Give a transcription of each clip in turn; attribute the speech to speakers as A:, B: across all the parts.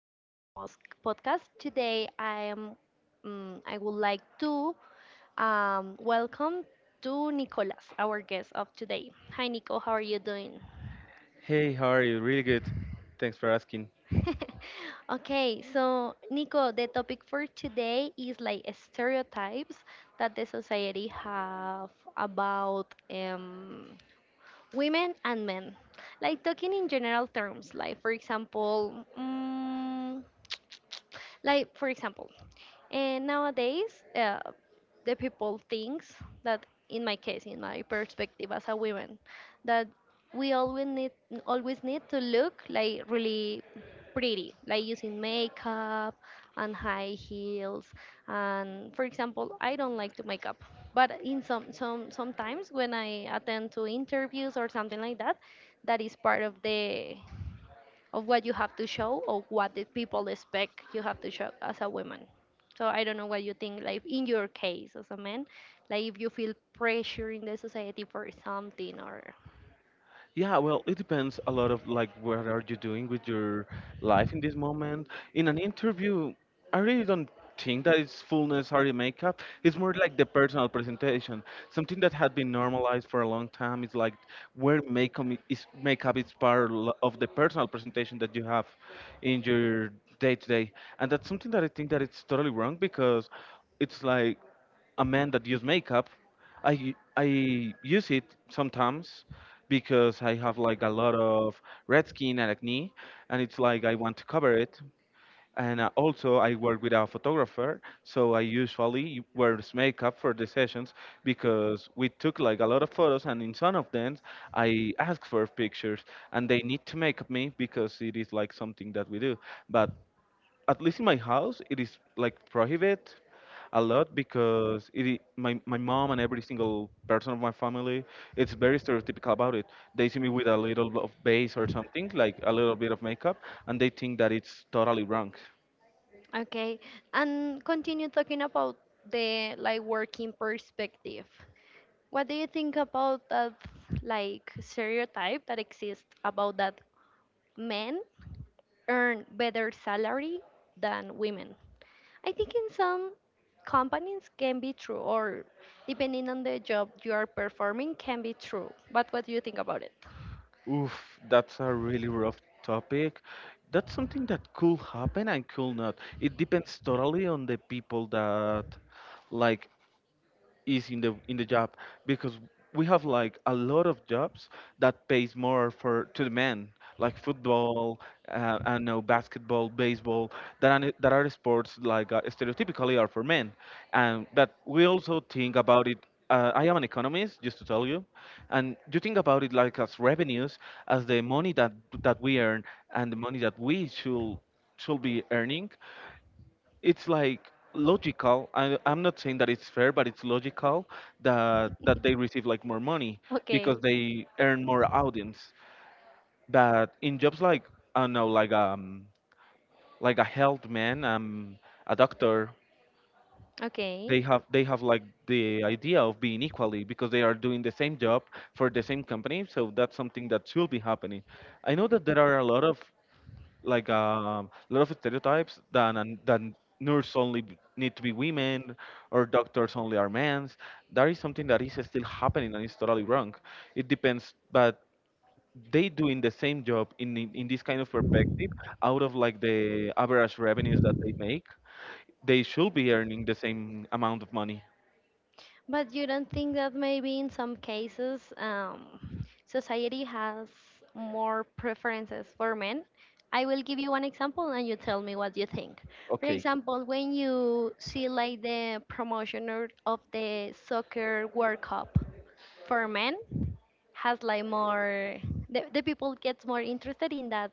A: our podcast today. I would like to welcome to Nicolas, our guest of today. Hi, Nico. How are you doing?
B: Hey, how are you? Really good. Thanks for asking.
A: Okay, so Nico, the topic for today is like stereotypes that the society have about women and men. Like talking in general terms, like for example. Like for example. And nowadays, the people thinks that, in my case, in my perspective as a woman, that we always need to look like really pretty, like using makeup and high heels. And for example, I don't like to make up, but in sometimes when I attend to interviews or something like that, that is part of the of what you have to show or what the people expect you have to show as a woman. So I don't know what you think, like in your case as a man, like if you feel pressure in the society for something or
B: Yeah, well, it depends a lot of like what are you doing with your life in this moment. In an interview, I really don't think that it's full necessary makeup. It's more like the personal presentation, something that had been normalized for a long time. It's like where makeup is part of the personal presentation that you have in your day to day, and that's something that I think that it's totally wrong because it's like a man that use makeup. I use it sometimes because I have like a lot of red skin and acne, and it's like I want to cover it. And also, I work with a photographer, so I usually wears makeup for the sessions because we took like a lot of photos, and in some of them, I ask for pictures, and they need to make up me because it is like something that we do. But at least in my house it is like prohibited a lot because my mom and every single person of my family it's very stereotypical about it. They see me with a little bit of base or something like a little bit of makeup, and they think that it's totally wrong.
A: okay. And continue talking about the like working perspective. What do you think about that like stereotype that exists about that men earn better salary than women? I think in some companies can be true, or depending on the job you are performing, can be true. But what do you think about it?
B: Oof, that's a really rough topic. That's something that could happen and could not. It depends totally on the people that like is in the job because we have like a lot of jobs that pays more for to the men, like football, I know, basketball, baseball, that are sports like stereotypically are for men. And but we also think about it, I am an economist just to tell you, and you think about it like as revenues, as the money that we earn and the money that we should be earning. It's like logical. I'm not saying that it's fair, but it's logical that they receive like more money because
A: Okay,
B: they earn more audience. But in jobs like, I don't know, like a health man, a doctor,
A: okay.
B: they have like the idea of being equally because they are doing the same job for the same company. So that's something that should be happening. I know that there are a lot of like a lot of stereotypes that and that nurse need to be women or doctors only are men. That is something that is still happening and is totally wrong. It depends, but they doing the same job in, in this kind of perspective out of like the average revenues that they make. They should be earning the same amount of money.
A: But you don't think that maybe in some cases society has more preferences for men? I will give you one example and you tell me what you think. For
B: Okay.
A: example, when you see like the promotion of the soccer World Cup for men, has like more the people gets more interested in that,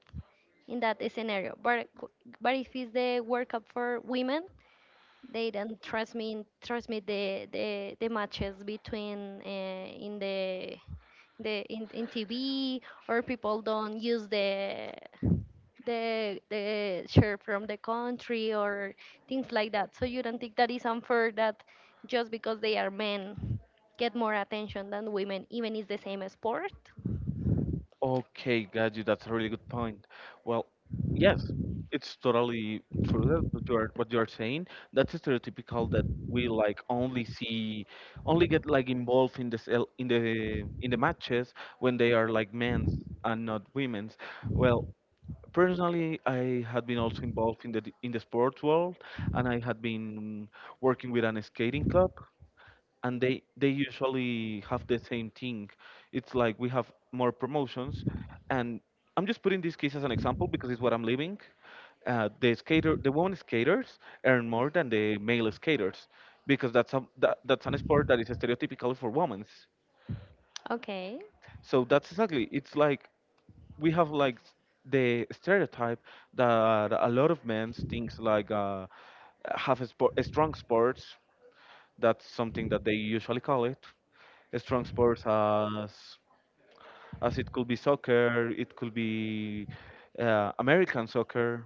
A: in that scenario, but if it's the World Cup for women, they don't transmit the matches between in the in TV, or people don't use the shirt from the country or things like that. So you don't think that is unfair that just because they are men get more attention than women even is the same sport?
B: Okay, got you. That's a really good point. Well, yes, it's totally true that what you are saying. That's stereotypical that we like only see, only get like involved in the cel- in the matches when they are like men's and not women's. Well, personally, I had been also involved in in the sports world, and I had been working with an skating club, and they usually have the same thing. It's like we have more promotions, and I'm just putting this case as an example because it's what I'm living. The skater, the women skaters earn more than the male skaters because that's an sport that is stereotypical for women.
A: Okay.
B: So that's exactly. It's like we have like the stereotype that a lot of men thinks like, have a, sport, a strong sports. That's something that they usually call it, strong sports, as it could be soccer, it could be American soccer,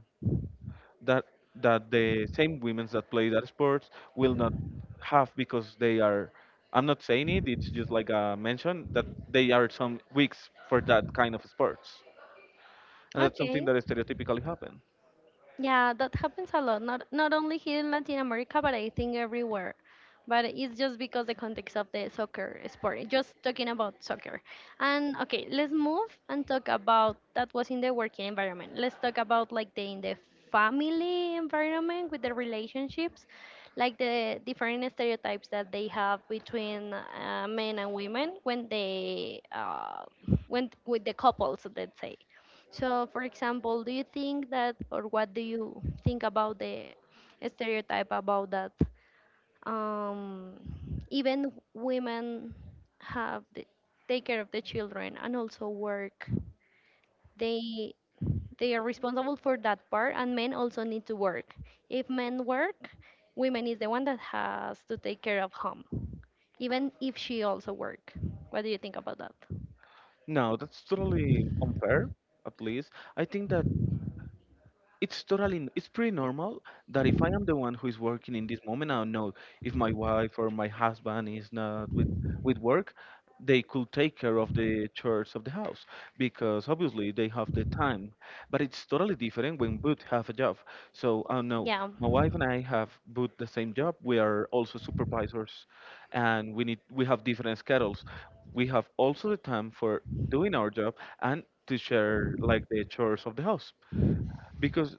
B: that the same women that play that sport will not have because they are, I'm not saying it, it's just like a mention that they are some weeks for that kind of sports. And that's something
A: Okay.
B: that stereotypically happen.
A: Yeah, that happens a lot. Not not only here in Latin America, but I think everywhere. But it's just because the context of the soccer sport. Just talking about soccer. And okay, let's move and talk about that was in the working environment. Let's talk about like the in the family environment with the relationships, like the different stereotypes that they have between men and women when they when with the couples, let's say. So, for example, do you think that, or what do you think about the stereotype about that um, even women have the, take care of the children and also work? They they are responsible for that part, and men also need to work. If men work, women is the one that has to take care of home, even if she also work. What do you think about that?
B: No, that's totally unfair, at least. I think that it's pretty normal that if I am the one who is working in this moment, I don't know, if my wife or my husband is not with with work, they could take care of the chores of the house because obviously they have the time. But it's totally different when both have a job, so I don't know.
A: Yeah.
B: My wife and I have both the same job. We are also supervisors, and we have different schedules. We have also the time for doing our job and to share like the chores of the house, because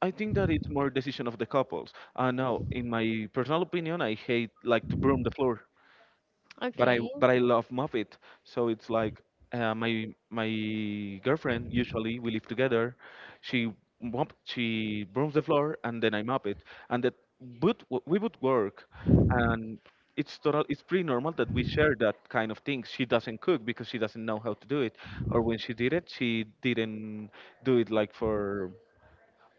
B: I think that it's more decision of the couples. Now, in my personal opinion, I hate like to broom the floor, but
A: Okay.
B: I love mop it. So it's like, my girlfriend, usually we live together. She she brooms the floor and then I mop it, and that we would work, and it's pretty normal that we share that kind of things. She doesn't cook because she doesn't know how to do it, or when she did it, she didn't do it like for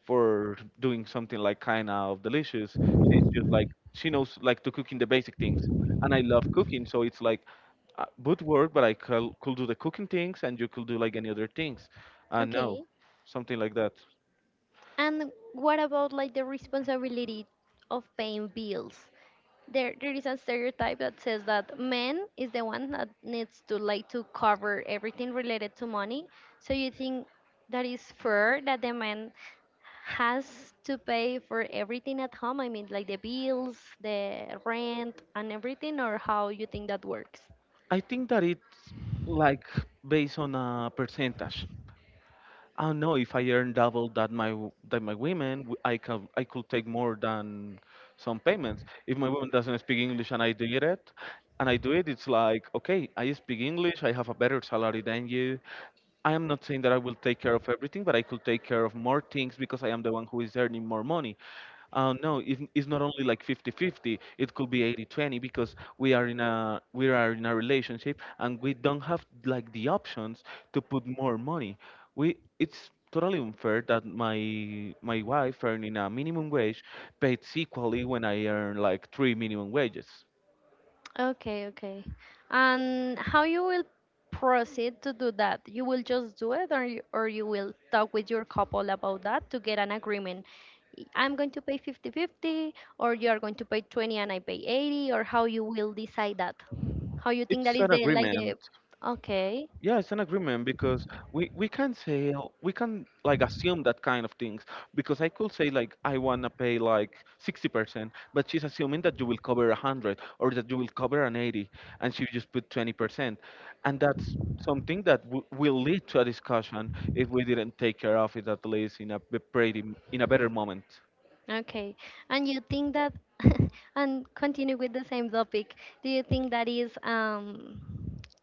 B: doing something like kind of delicious. She's just like, she knows like to cooking the basic things, and I love cooking, so it's like, would work, but could do the cooking things, and you could do like any other things. And no,
A: Okay.
B: something like that.
A: And what about like the responsibility of paying bills? There is a stereotype that says that men is the one that needs to like to cover everything related to money. So you think that is fair that the man has to pay for everything at home? I mean, like the bills, the rent, and everything, or how you think that works?
B: I think that it's like based on a percentage. I don't know, if I earn double that that my women, I could take more than some payments. If my woman doesn't speak English and I do it, it's like okay, I speak English, I have a better salary than you. I am not saying that I will take care of everything, but I could take care of more things because I am the one who is earning more money. No, if, it's not only like 50-50, it could be 80-20 because we are in a relationship and we don't have like the options to put more money. We It's totally unfair that my wife earning a minimum wage pays equally when I earn like three minimum wages.
A: Okay, okay. And how you will proceed to do that? You will just do it or or you will talk with your couple about that to get an agreement. I'm going to pay fifty fifty, or you are going to pay 20 and I pay 80, or how you will decide that? How you think that
B: It's
A: is
B: an
A: the like the
B: agreement.
A: okay,
B: Yeah, it's an agreement because we can say, we can like assume that kind of things, because I could say like I wanna pay like 60%, but she's assuming that you will cover a hundred or that you will cover an 80, and she just put 20%, and that's something that will lead to a discussion if we didn't take care of it, at least in a b- pretty m- in a better moment.
A: okay. And you think that and continue with the same topic. Do you think that is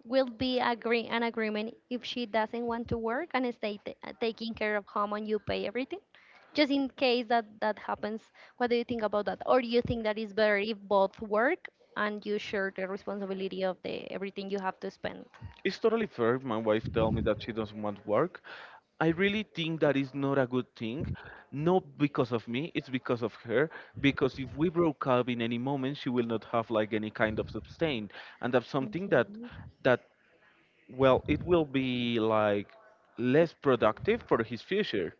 A: will be agree an agreement if she doesn't want to work and stay taking care of home and you pay everything, just in case that that happens, what do you think about that, or do you think that is better if both work and you share the responsibility of the everything you have to spend?
B: It's totally fair. If my wife tell me that she doesn't want work, I really think that is not a good thing. Not because of me, it's because of her. Because if we broke up in any moment, she will not have like any kind of sustain, and that's something that
A: Okay
B: that, well, it will be like less productive for his future.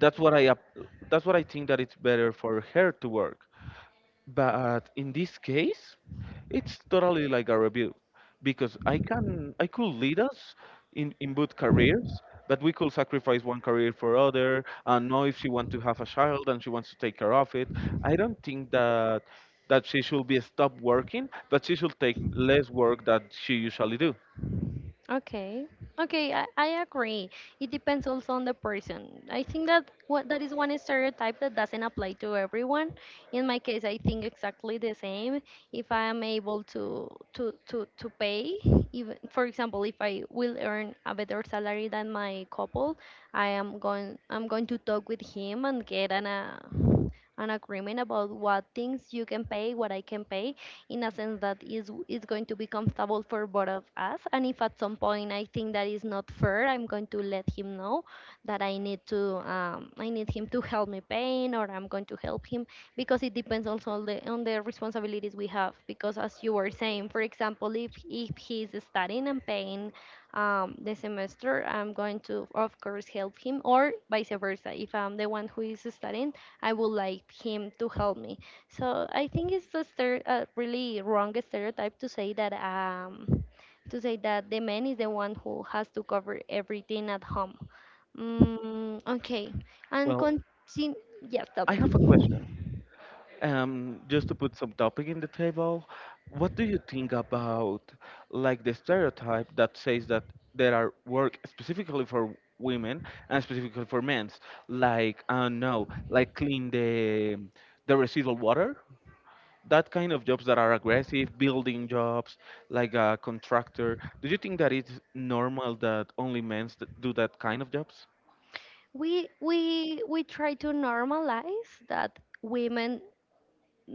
B: That's what I ap- that's what I think, that it's better for her to work. But in this case, it's totally like a review because I could lead us in both careers, but we could sacrifice one career for other. And know if she wants to have a child and she wants to take care of it, I don't think that she should be stopped working, but she should take less work that she usually do.
A: Okay. Okay, I agree. It depends also on the person. I think that what that is one stereotype that doesn't apply to everyone. In my case, I think exactly the same. If I am able to to pay, even for example, if I will earn a better salary than my couple, I'm going to talk with him and get an agreement about what things you can pay, what I can pay, in a sense that is going to be comfortable for both of us. And if at some point I think that is not fair, I'm going to let him know that I need to I need him to help me paint, or I'm going to help him because it depends also on the responsibilities we have. Because as you were saying, for example, if he's studying and paying the semester, I'm going to, of course, help him, or vice versa. If I'm the one who is studying, I would like him to help me. So I think it's a, a really wrong stereotype to say that the man is the one who has to cover everything at home. Mm, okay, and
B: Well,
A: continue. Yes, tell
B: I have a
A: me.
B: question. Just to put some topic in the table, what do you think about like the stereotype that says that there are work specifically for women and specifically for men's, like I don't know, like clean the residual water, that kind of jobs that are aggressive, building jobs, like a contractor. Do you think that it's normal that only men do that kind of jobs?
A: We try to normalize that women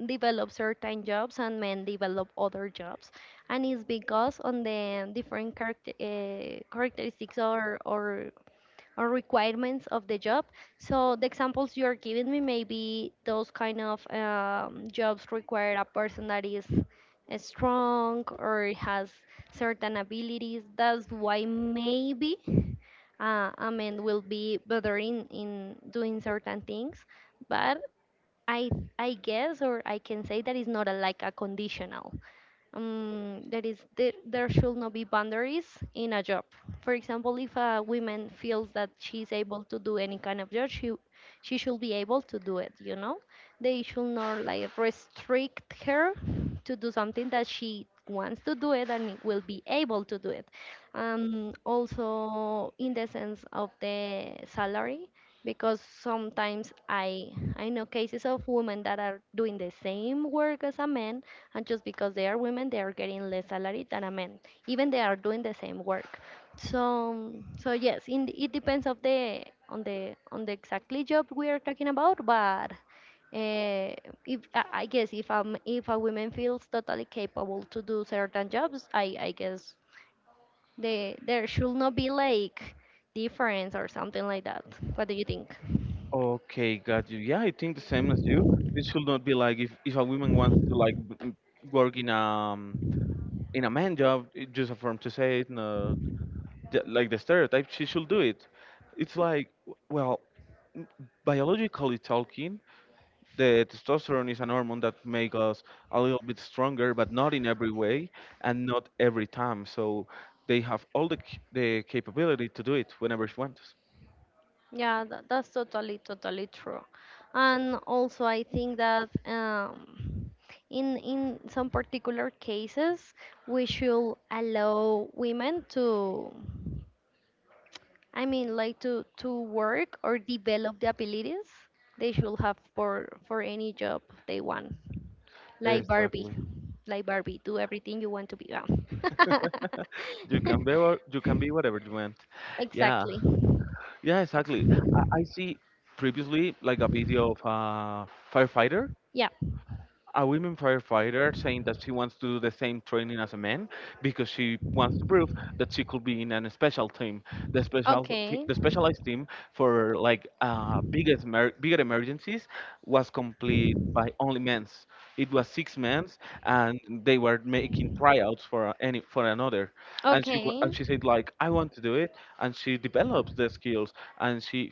A: develop certain jobs and men develop other jobs, and it's because on the different character characteristics or requirements of the job. So the examples you are giving me, maybe those kind of jobs require a person that is strong or has certain abilities. That's why maybe I mean will be better in doing certain things. But I I guess or I can say that is not a, like a conditional that is there should not be boundaries in a job. For example, if a woman feels that she's able to do any kind of job, she should be able to do it. You know, they should not like restrict her to do something that she wants to do it and will be able to do it. Also, in the sense of the salary, because sometimes I know cases of women that are doing the same work as a man, and just because they are women they are getting less salary than a man, even they are doing the same work. So so yes in, it depends of the on the on the exactly job we are talking about, but uh, if I guess if a woman feels totally capable to do certain jobs, I guess they there should not be like difference or something like that. What do you think?
B: Okay, got you. Yeah, I think the same as you. It should not be like, if a woman wants to like work in a, in a man job, it just a form to say it, no, like the stereotype, she should do it. It's like, w- well, m- biologically talking, the testosterone is an hormone that makes us a little bit stronger, but not in every way and not every time. So they have all the capability to do it whenever she wants.
A: Yeah, that, that's totally, totally true. And also, I think that in some particular cases, we should allow women to, I mean, like to work or develop the abilities they should have for any job they want. Like Barbie,
B: Exactly.
A: like Barbie, do everything you want to be. Yeah.
B: You can be you can be whatever you want. Yeah,
A: Exactly.
B: yeah, exactly. I see previously like a video of a firefighter
A: Yeah.
B: a women firefighter saying that she wants to do the same training as a man because she wants to prove that she could be in a special team,
A: Okay.
B: the specialized team for like bigger emergencies was complete by only men's. It was 6 men's, and they were making tryouts for a- any for another.
A: Okay.
B: And she said like I want to do it, and she develops the skills, and she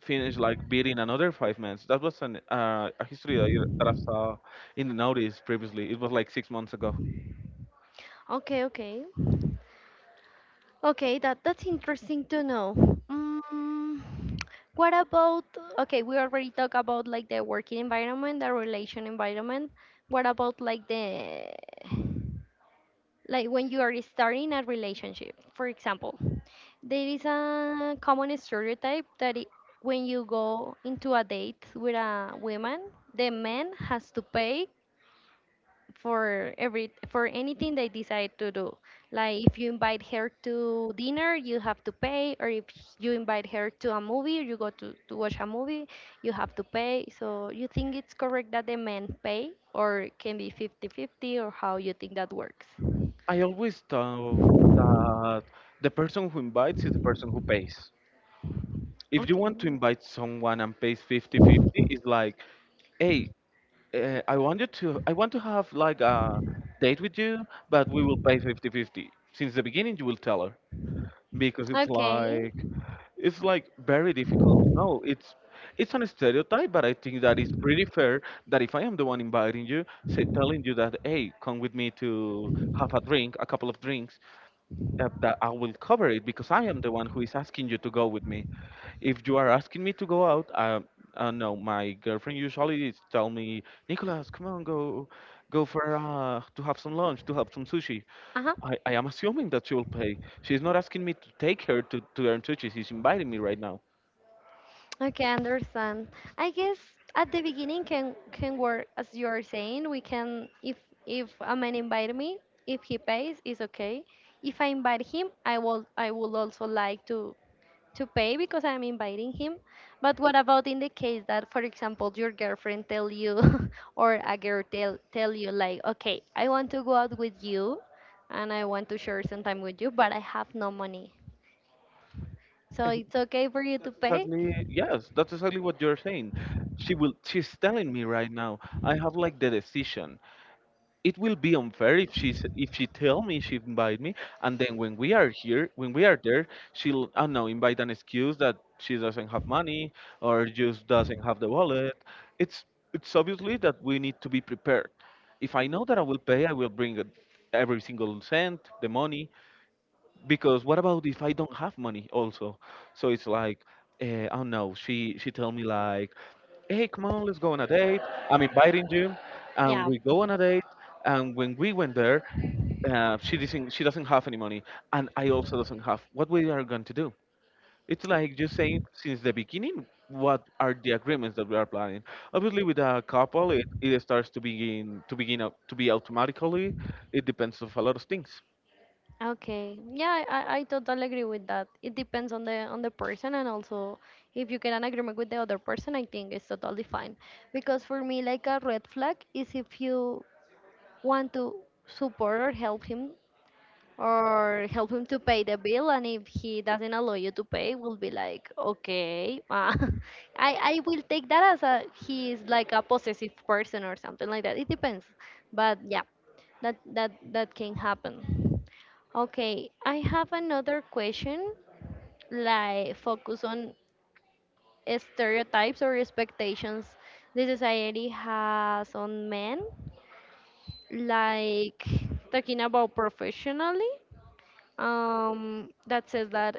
B: finished like beating another 5 men. That was an a history that, that I saw in the notice previously. It was like 6 months ago.
A: Okay, okay. Okay, that that's interesting to know. Mm, what about okay, we already talked about like the working environment, the relation environment. What about like the like when you are starting a relationship, for example, there is a common stereotype that it, when you go into a date with a woman, the man has to pay for every for anything they decide to do. Like if you invite her to dinner, you have to pay, or if you invite her to a movie, you go to watch a movie, you have to pay. So you think it's correct that the men pay, or it can be fifty fifty, or how you think that works?
B: I always thought that the person who invites is the person who pays. If you
A: Okay.
B: want to invite someone and pays fifty-fifty, it's like, hey, I want to have like a date with you, but we will pay fifty-fifty. Since the beginning, you will tell her because it's
A: Okay.
B: like. It's like very difficult. No, it's an stereotype, but I think that it's pretty fair that if I am the one inviting you, say, telling you that, hey, come with me to have a drink, a couple of drinks, that I will cover it because I am the one who is asking you to go with me. If you are asking me to go out, I, no, my girlfriend usually is tell me, Nicholas, come on, go, go for to have some lunch, to have some sushi.
A: Uh
B: I am assuming that she will pay. She's not asking me to take her to earn sushi. She's inviting me
A: huh.
B: right now.
A: Okay, I understand. I guess at the beginning can work as you are saying. We can if a man invite me, if he pays, it's okay. If I invite him, I will also like to pay because I'm inviting him. But what about in the case that, for example, your girlfriend tell you or a girl tell you like, okay, I want to go out with you, and I want to share some time with you, but I have no money. So
B: And
A: it's okay for you to
B: that's
A: pay?
B: exactly yes, that's exactly what you're saying. She will. She's telling me right now. I have like the decision. It will be unfair if she's if she tell me she invite me, and then when we are here, when we are there, she'll, I don't know, invite an excuse that she doesn't have money or just doesn't have the wallet. it's it's obviously that we need to be prepared. If I know that I will pay, I will bring it, every single cent the money, because what about if I don't have money also? So it's like, oh no, she tell me like, hey, come on, let's go on a date. I'm inviting you, and
A: Yeah.
B: we go on a date. And when we went there, she doesn't have any money, and I also doesn't have. What we are going to do? It's like just saying since the beginning what are the agreements that we are planning. Obviously, with a couple, it starts to begin up to be automatically. It depends of a lot of things.
A: Okay. Yeah, I totally agree with that. It depends on the person and also if you get an agreement with the other person, I think it's totally fine. Because for me, like a red flag is if you want to support or help him to pay the bill, and if he doesn't allow you to pay, will be like, okay, I will take that as a he is like a possessive person or something like that. It depends, but yeah, that can happen. Okay, I have another question, like focus on stereotypes or expectations the society has on men, like talking about professionally, that says that,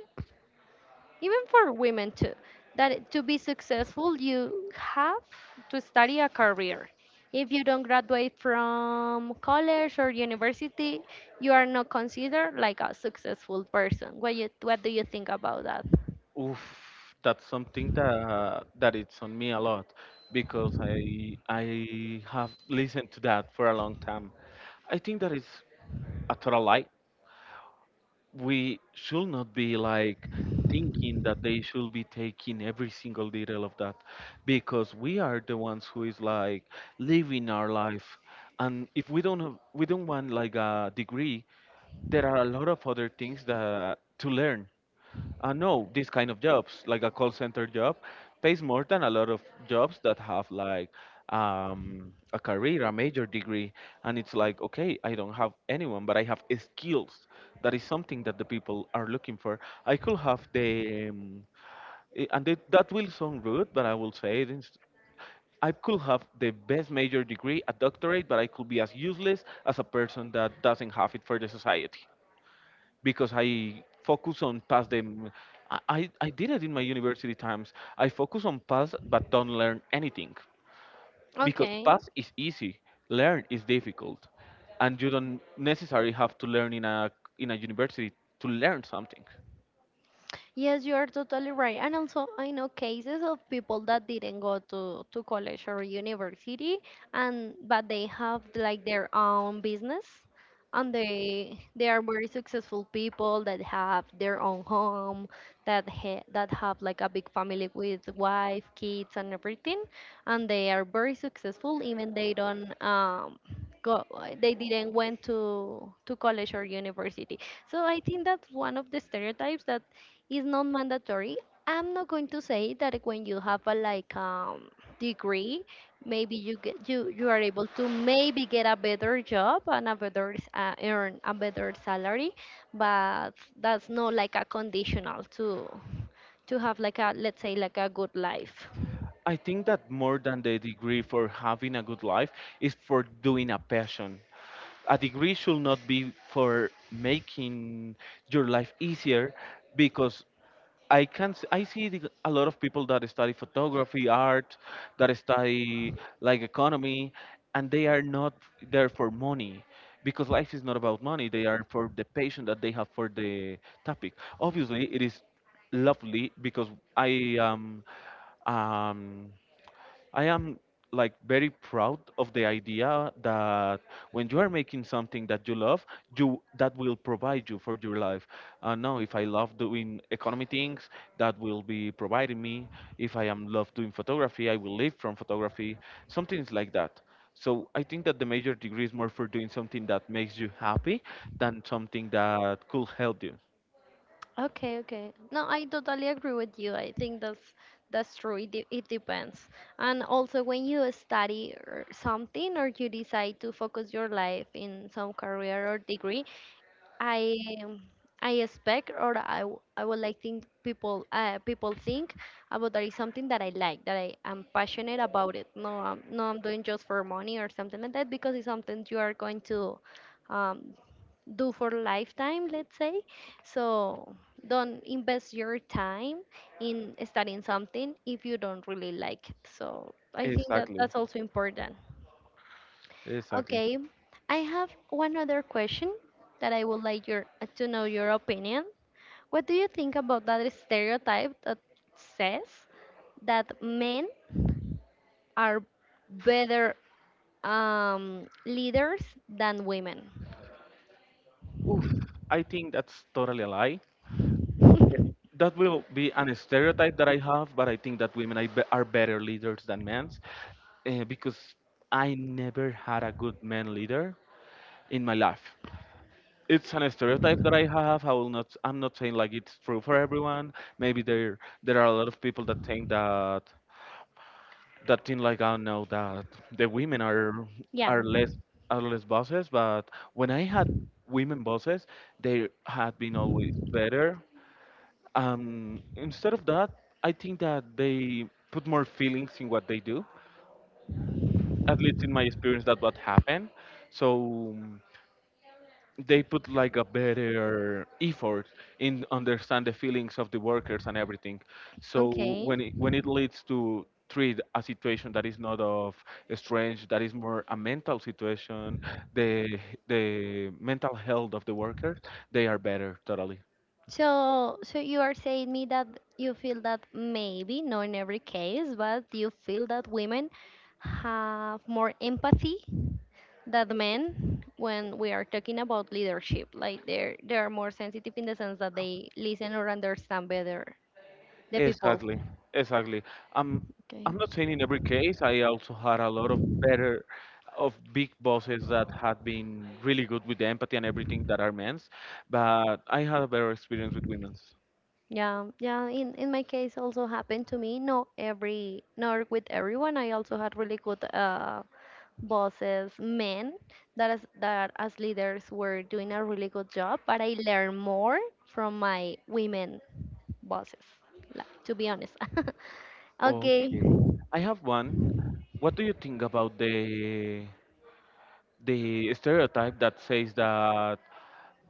A: even for women too, that to be successful you have to study a career. If you don't graduate from college or university, you are not considered like a successful person. What do you think about that?
B: Oof, that's something that it's on me a lot because I have listened to that for a long time. I think that is a total lie. We should not be like thinking that they should be taking every single detail of that because we are the ones who is like living our life, and if we don't have, we don't want like a degree, there are a lot of other things that to learn. No, this kind of jobs, like a call center job, pays more than a lot of jobs that have like a career, a major degree. And it's like, okay, I don't have anyone, but I have skills. That is something that the people are looking for. I could have the, and it, that will sound rude, but I will say it. I could have the best major degree, a doctorate, but I could be as useless as a person that doesn't have it for the society because I focus on past them. I did it in my university times. I focus on past but don't learn anything because
A: Okay.
B: past is easy, learn is difficult, and you don't necessarily have to learn in a university to learn something.
A: Yes, you are totally right. And also, I know cases of people that didn't go to college or university, and but they have like their own business, and they are very successful people that have their own home, that ha that have like a big family with wife, kids, and everything, and they are very successful even they don't go, they didn't went to college or university. So I think that's one of the stereotypes that it's not mandatory. I'm not going to say that when you have a like degree, maybe you get, you are able to maybe get a better job and a better earn a better salary, but that's not like a conditional to have like, a let's say, like a good life.
B: I think that more than the degree for having a good life is for doing a passion. A degree should not be for making your life easier because I see a lot of people that study photography, art, that study like economy, and they are not there for money because life is not about money. They are for the passion that they have for the topic. Obviously, it is lovely because I am um, I am like very proud of the idea that when you are making something that you love, you that will provide you for your life. Now, if I love doing economy things, that will be providing me. If I am love doing photography, I will live from photography. Something like that. So I think that the major degree is more for doing something that makes you happy than something that could help you.
A: Okay, okay. No, I totally agree with you. I think that's true. It depends. And also, when you study or something, or you decide to focus your life in some career or degree, I um, I expect, or I would like think people people think about that is something that I like, that I am passionate about it. No, I'm, no, I'm doing just for money or something like that, because it's something you are going to um, do for lifetime, let's say. So don't invest your time in studying something if you don't really like it. So I think that
B: Exactly.
A: that's also important.
B: Exactly.
A: Okay, I have one other question that I would like your to know your opinion. What do you think about that stereotype that says that men are better leaders than women?
B: Oof, I think that's totally a lie. That will be an stereotype that I have, but I think that women are are better leaders than men because I never had a good man leader in my life. It's an stereotype that I have. I will not. I'm not saying like it's true for everyone. Maybe there are a lot of people that think that think like, I don't know, that the women are
A: Yeah.
B: less are less bosses. But when I had women bosses, they had been always better. Instead of that, I think that they put more feelings in what they do. At least in my experience, that what happened. So they put like a better effort in understand the feelings of the workers and everything. So
A: Okay.
B: when it leads to treat a situation that is not of strange, that is more a mental situation, the the mental health of the workers, they are better totally.
A: So, so you are saying me that you feel that maybe, not in every case, but you feel that women have more empathy that men when we are talking about leadership, like they are more sensitive in the sense that they listen or understand better the people.
B: Exactly, exactly. I'm
A: Okay.
B: not saying in every case. I also had a lot of better of big bosses that had been really good with the empathy and everything that are men's, but I had a better experience with women's.
A: Yeah, yeah, in my case also happened to me, not every, not with everyone. I also had really good bosses, men that as leaders were doing a really good job, but I learned more from my women bosses, like, to be honest. Okay,
B: Okay. I have one. What do you think about the stereotype that says that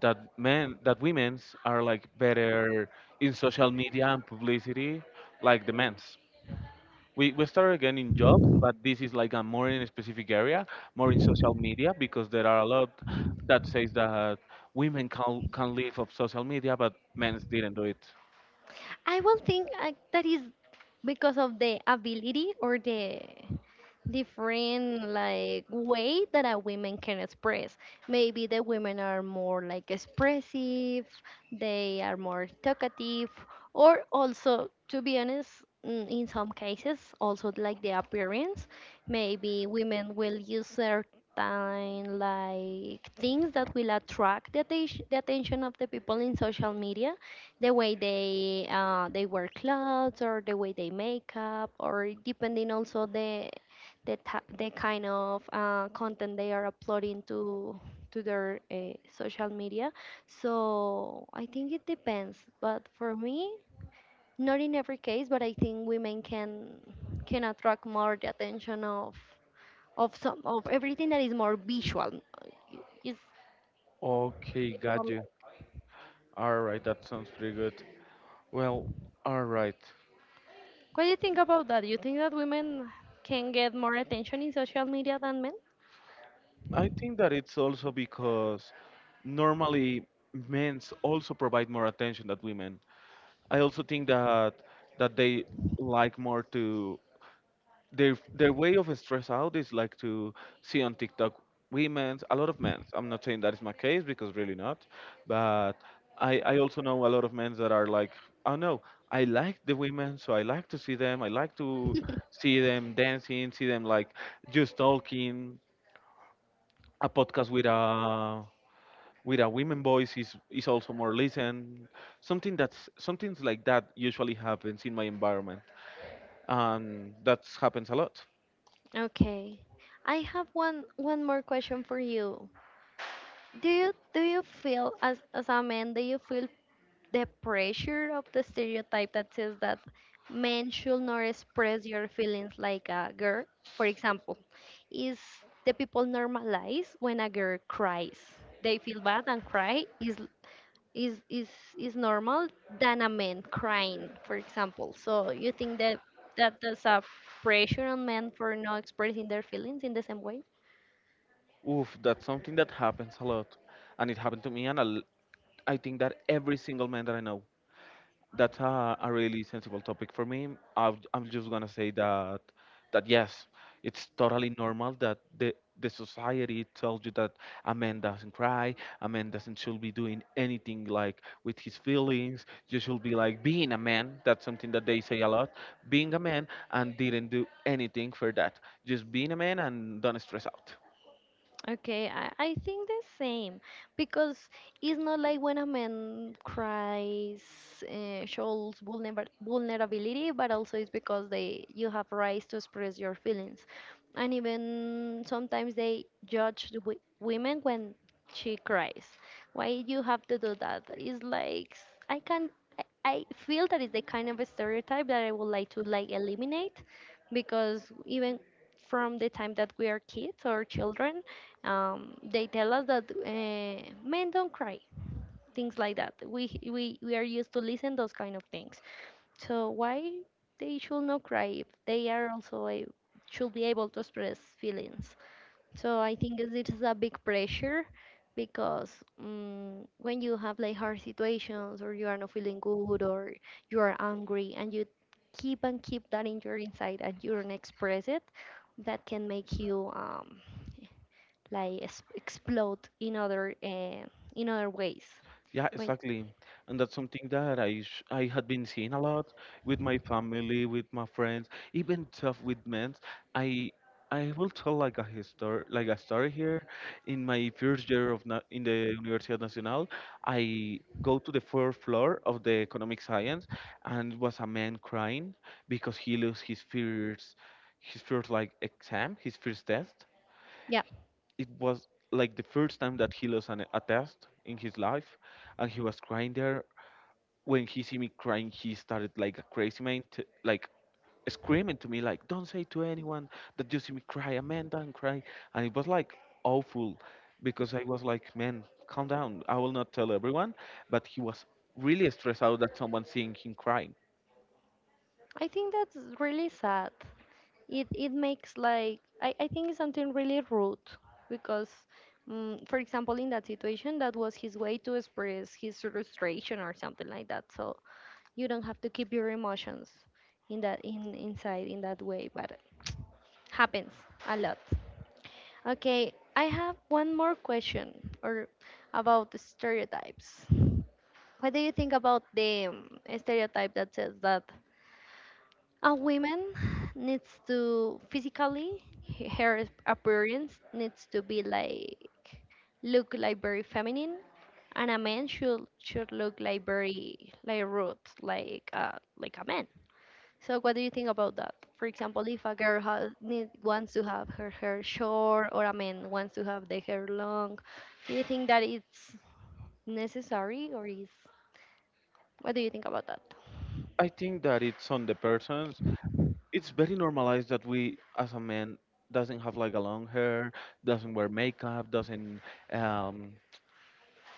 B: that men that women's are like better in social media and publicity like the men's? We started again in jobs, but this is like a more in a specific area, more in social media, because there are a lot that says that women can live of social media, but men didn't do it.
A: I will think that is because of the ability or the different like way that a women can express. Maybe the women are more like expressive, they are more talkative, or also to be honest, in some cases also like the appearance. Maybe women will use certain like things that will attract the, the attention of the people in social media, the way they wear clothes or the way they make up, or depending also the the kind of content they are uploading to their social media. So I think it depends, but for me, not in every case. But I think women can attract more the attention of some of everything that is more visual. Is
B: Okay, got you. All right, that sounds pretty good. Well, all right.
A: What do you think about that? You think that women can get more attention in social media than men?
B: I think that it's also because normally men also provide more attention than women. I also think that they like more to their way of stress out is like to see on TikTok women's a lot of men. I'm not saying that is my case because really not, but I also know a lot of men that are like, oh no, I like the women, so I like to see them. I like to see them dancing, see them like just talking. A podcast with a women voice is also more listened. Something that's something like that usually happens in my environment, and that happens a lot.
A: Okay. I have one more question for you. Do you feel, as a man, do you feel the pressure of the stereotype that says that men should not express your feelings like a girl, for example? Is the people normalize when a girl cries, they feel bad and cry, is is is is normal than a man crying, for example? So you think that that there's a pressure on men for not expressing their feelings in the same way?
B: Oof, that's something that happens a lot, and it happened to me, and I think that every single man that I know. That's a really sensible topic for me. I've, I'm just gonna say that yes, it's totally normal that the society tells you that a man doesn't cry, a man doesn't should be doing anything like with his feelings. You should be like being a man. That's something that they say a lot. Being a man and didn't do anything for that. Just being a man and don't stress out.
A: Okay, I think the same, because it's not like when a man cries, shows vulnerability, but also it's because they, you have rights to express your feelings, and even sometimes they judge the women when she cries. Why you have to do that? It's like I can, I feel that is the kind of a stereotype that I would like to like eliminate, because even from the time that we are kids or children, they tell us that men don't cry, things like that. We are used to listen those kind of things. So why they should not cry if they are also a, should be able to express feelings? So I think it it is a big pressure, because when you have like hard situations, or you are not feeling good, or you are angry and you keep and keep that in your inside and you don't express it, that can make you like explode in other ways.
B: Yeah,
A: When
B: exactly. And that's something that I had been seeing a lot with my family, with my friends, even stuff with men. I I will tell like a history, like a story here. In my first year of na in the Universidad Nacional, I go to the 4th floor of the economic science, and was a man crying because he lost his first like exam, his first test.
A: Yeah,
B: It was like the first time that he lost a test in his life, and he was crying there. When he see me crying, he started like a crazy man to, like, screaming to me like, don't say to anyone that you see me cry, Amanda, and cry. And it was like awful, because I was like, man, calm down, I will not tell everyone. But he was really stressed out that someone seeing him crying.
A: I think that's really sad. It makes like, I think it's something really rude because. For example, in that situation, that was his way to express his frustration or something like that. So you don't have to keep your emotions in that in inside in that way, but happens a lot. Okay, I have one more question or about the stereotypes. What do you think about the stereotype that says that a woman needs to physically her appearance needs to be like look like very feminine, and a man should look like very like rude, like a man. So what do you think about that? For example, if a girl has need, wants to have her hair short, or a man wants to have the hair long, do you think that it's necessary or is, what do you think about that?
B: I think that it's on the person. It's very normalized that we as a man doesn't have like a long hair, doesn't wear makeup, um,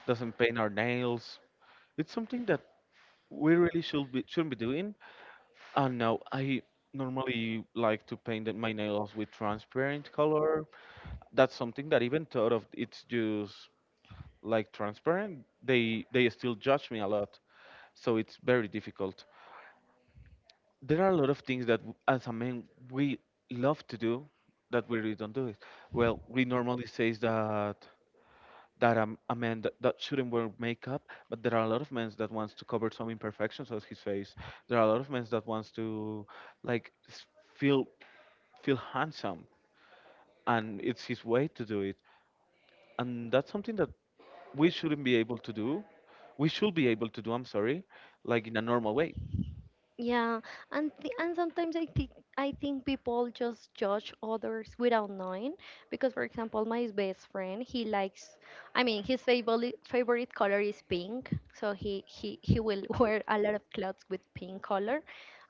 B: doesn't paint our nails. It's something that we really should be shouldn't be doing. And now I normally like to my nails with transparent color. That's something that even thought of it's just like transparent, they still judge me a lot. So it's very difficult. There are a lot of things that as a man we love to do that we really don't do it. Well, we normally says that a man that, that shouldn't wear makeup. But there are a lot of men that wants to cover some imperfections of his face. There are a lot of men that wants to like feel handsome, and it's his way to do it. And that's something that we shouldn't be able to do. We should be able to do, I'm sorry, like in a normal way.
A: Yeah, and sometimes I think, I think people just judge others without knowing. Because for example, my best friend, he likes, I mean, his favorite color is pink, so he will wear a lot of clothes with pink color,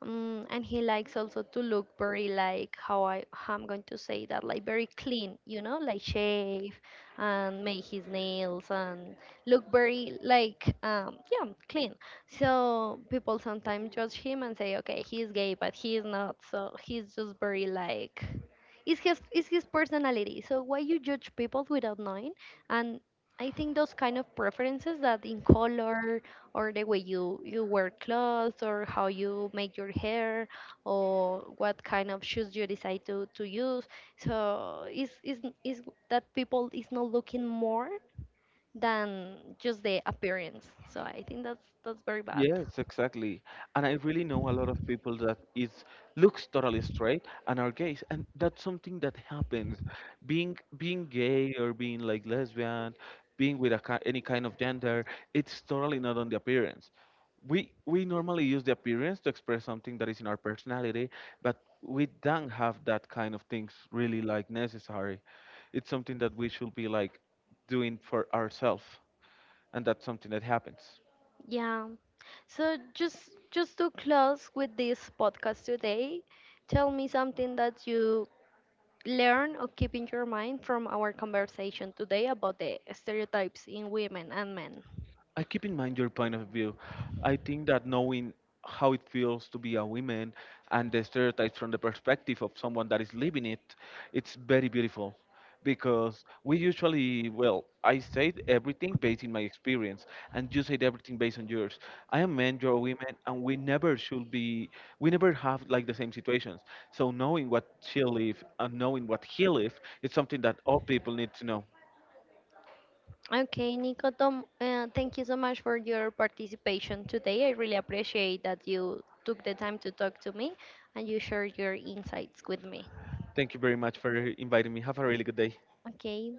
A: and he likes also to look very like, how I'm going to say that, like very clean, you know, like shave and make his nails and look very like yeah clean. So people sometimes judge him and say, okay, he's gay, but he's not. So he's just very like, it's his personality. So why you judge people without knowing? And I think those kind of preferences, that in color or the way you you wear clothes, or how you make your hair, or what kind of shoes you decide to use. So is that people is not looking more than just the appearance. So I think that's very bad.
B: Yes, exactly. And I really know a lot of people that is looks totally straight and are gays, and that's something that happens. Being gay or being like lesbian, being with a, any kind of gender, it's totally not on the appearance. We normally use the appearance to express something that is in our personality, but we don't have that kind of things really like necessary. It's something that we should be like doing for ourselves, and that's something that happens.
A: Yeah. So just to close with this podcast today, tell me something that you learn or keep in your mind from our conversation today about the stereotypes in women and men.
B: I keep in mind your point of view. I think that knowing how it feels to be a woman and the stereotypes from the perspective of someone that is living it, it's very beautiful. Because we usually, well, I said everything based in my experience, and you said everything based on yours. I am men, you're women, and we never should be, we never have like the same situations. So knowing what she lived and knowing what he lived is something that all people need to know.
A: Okay, Nico, Tom, thank you so much for your participation today. I really appreciate that you took the time to talk to me and you shared your insights with me.
B: Thank you very much for inviting me. Have a really good day.
A: Okay,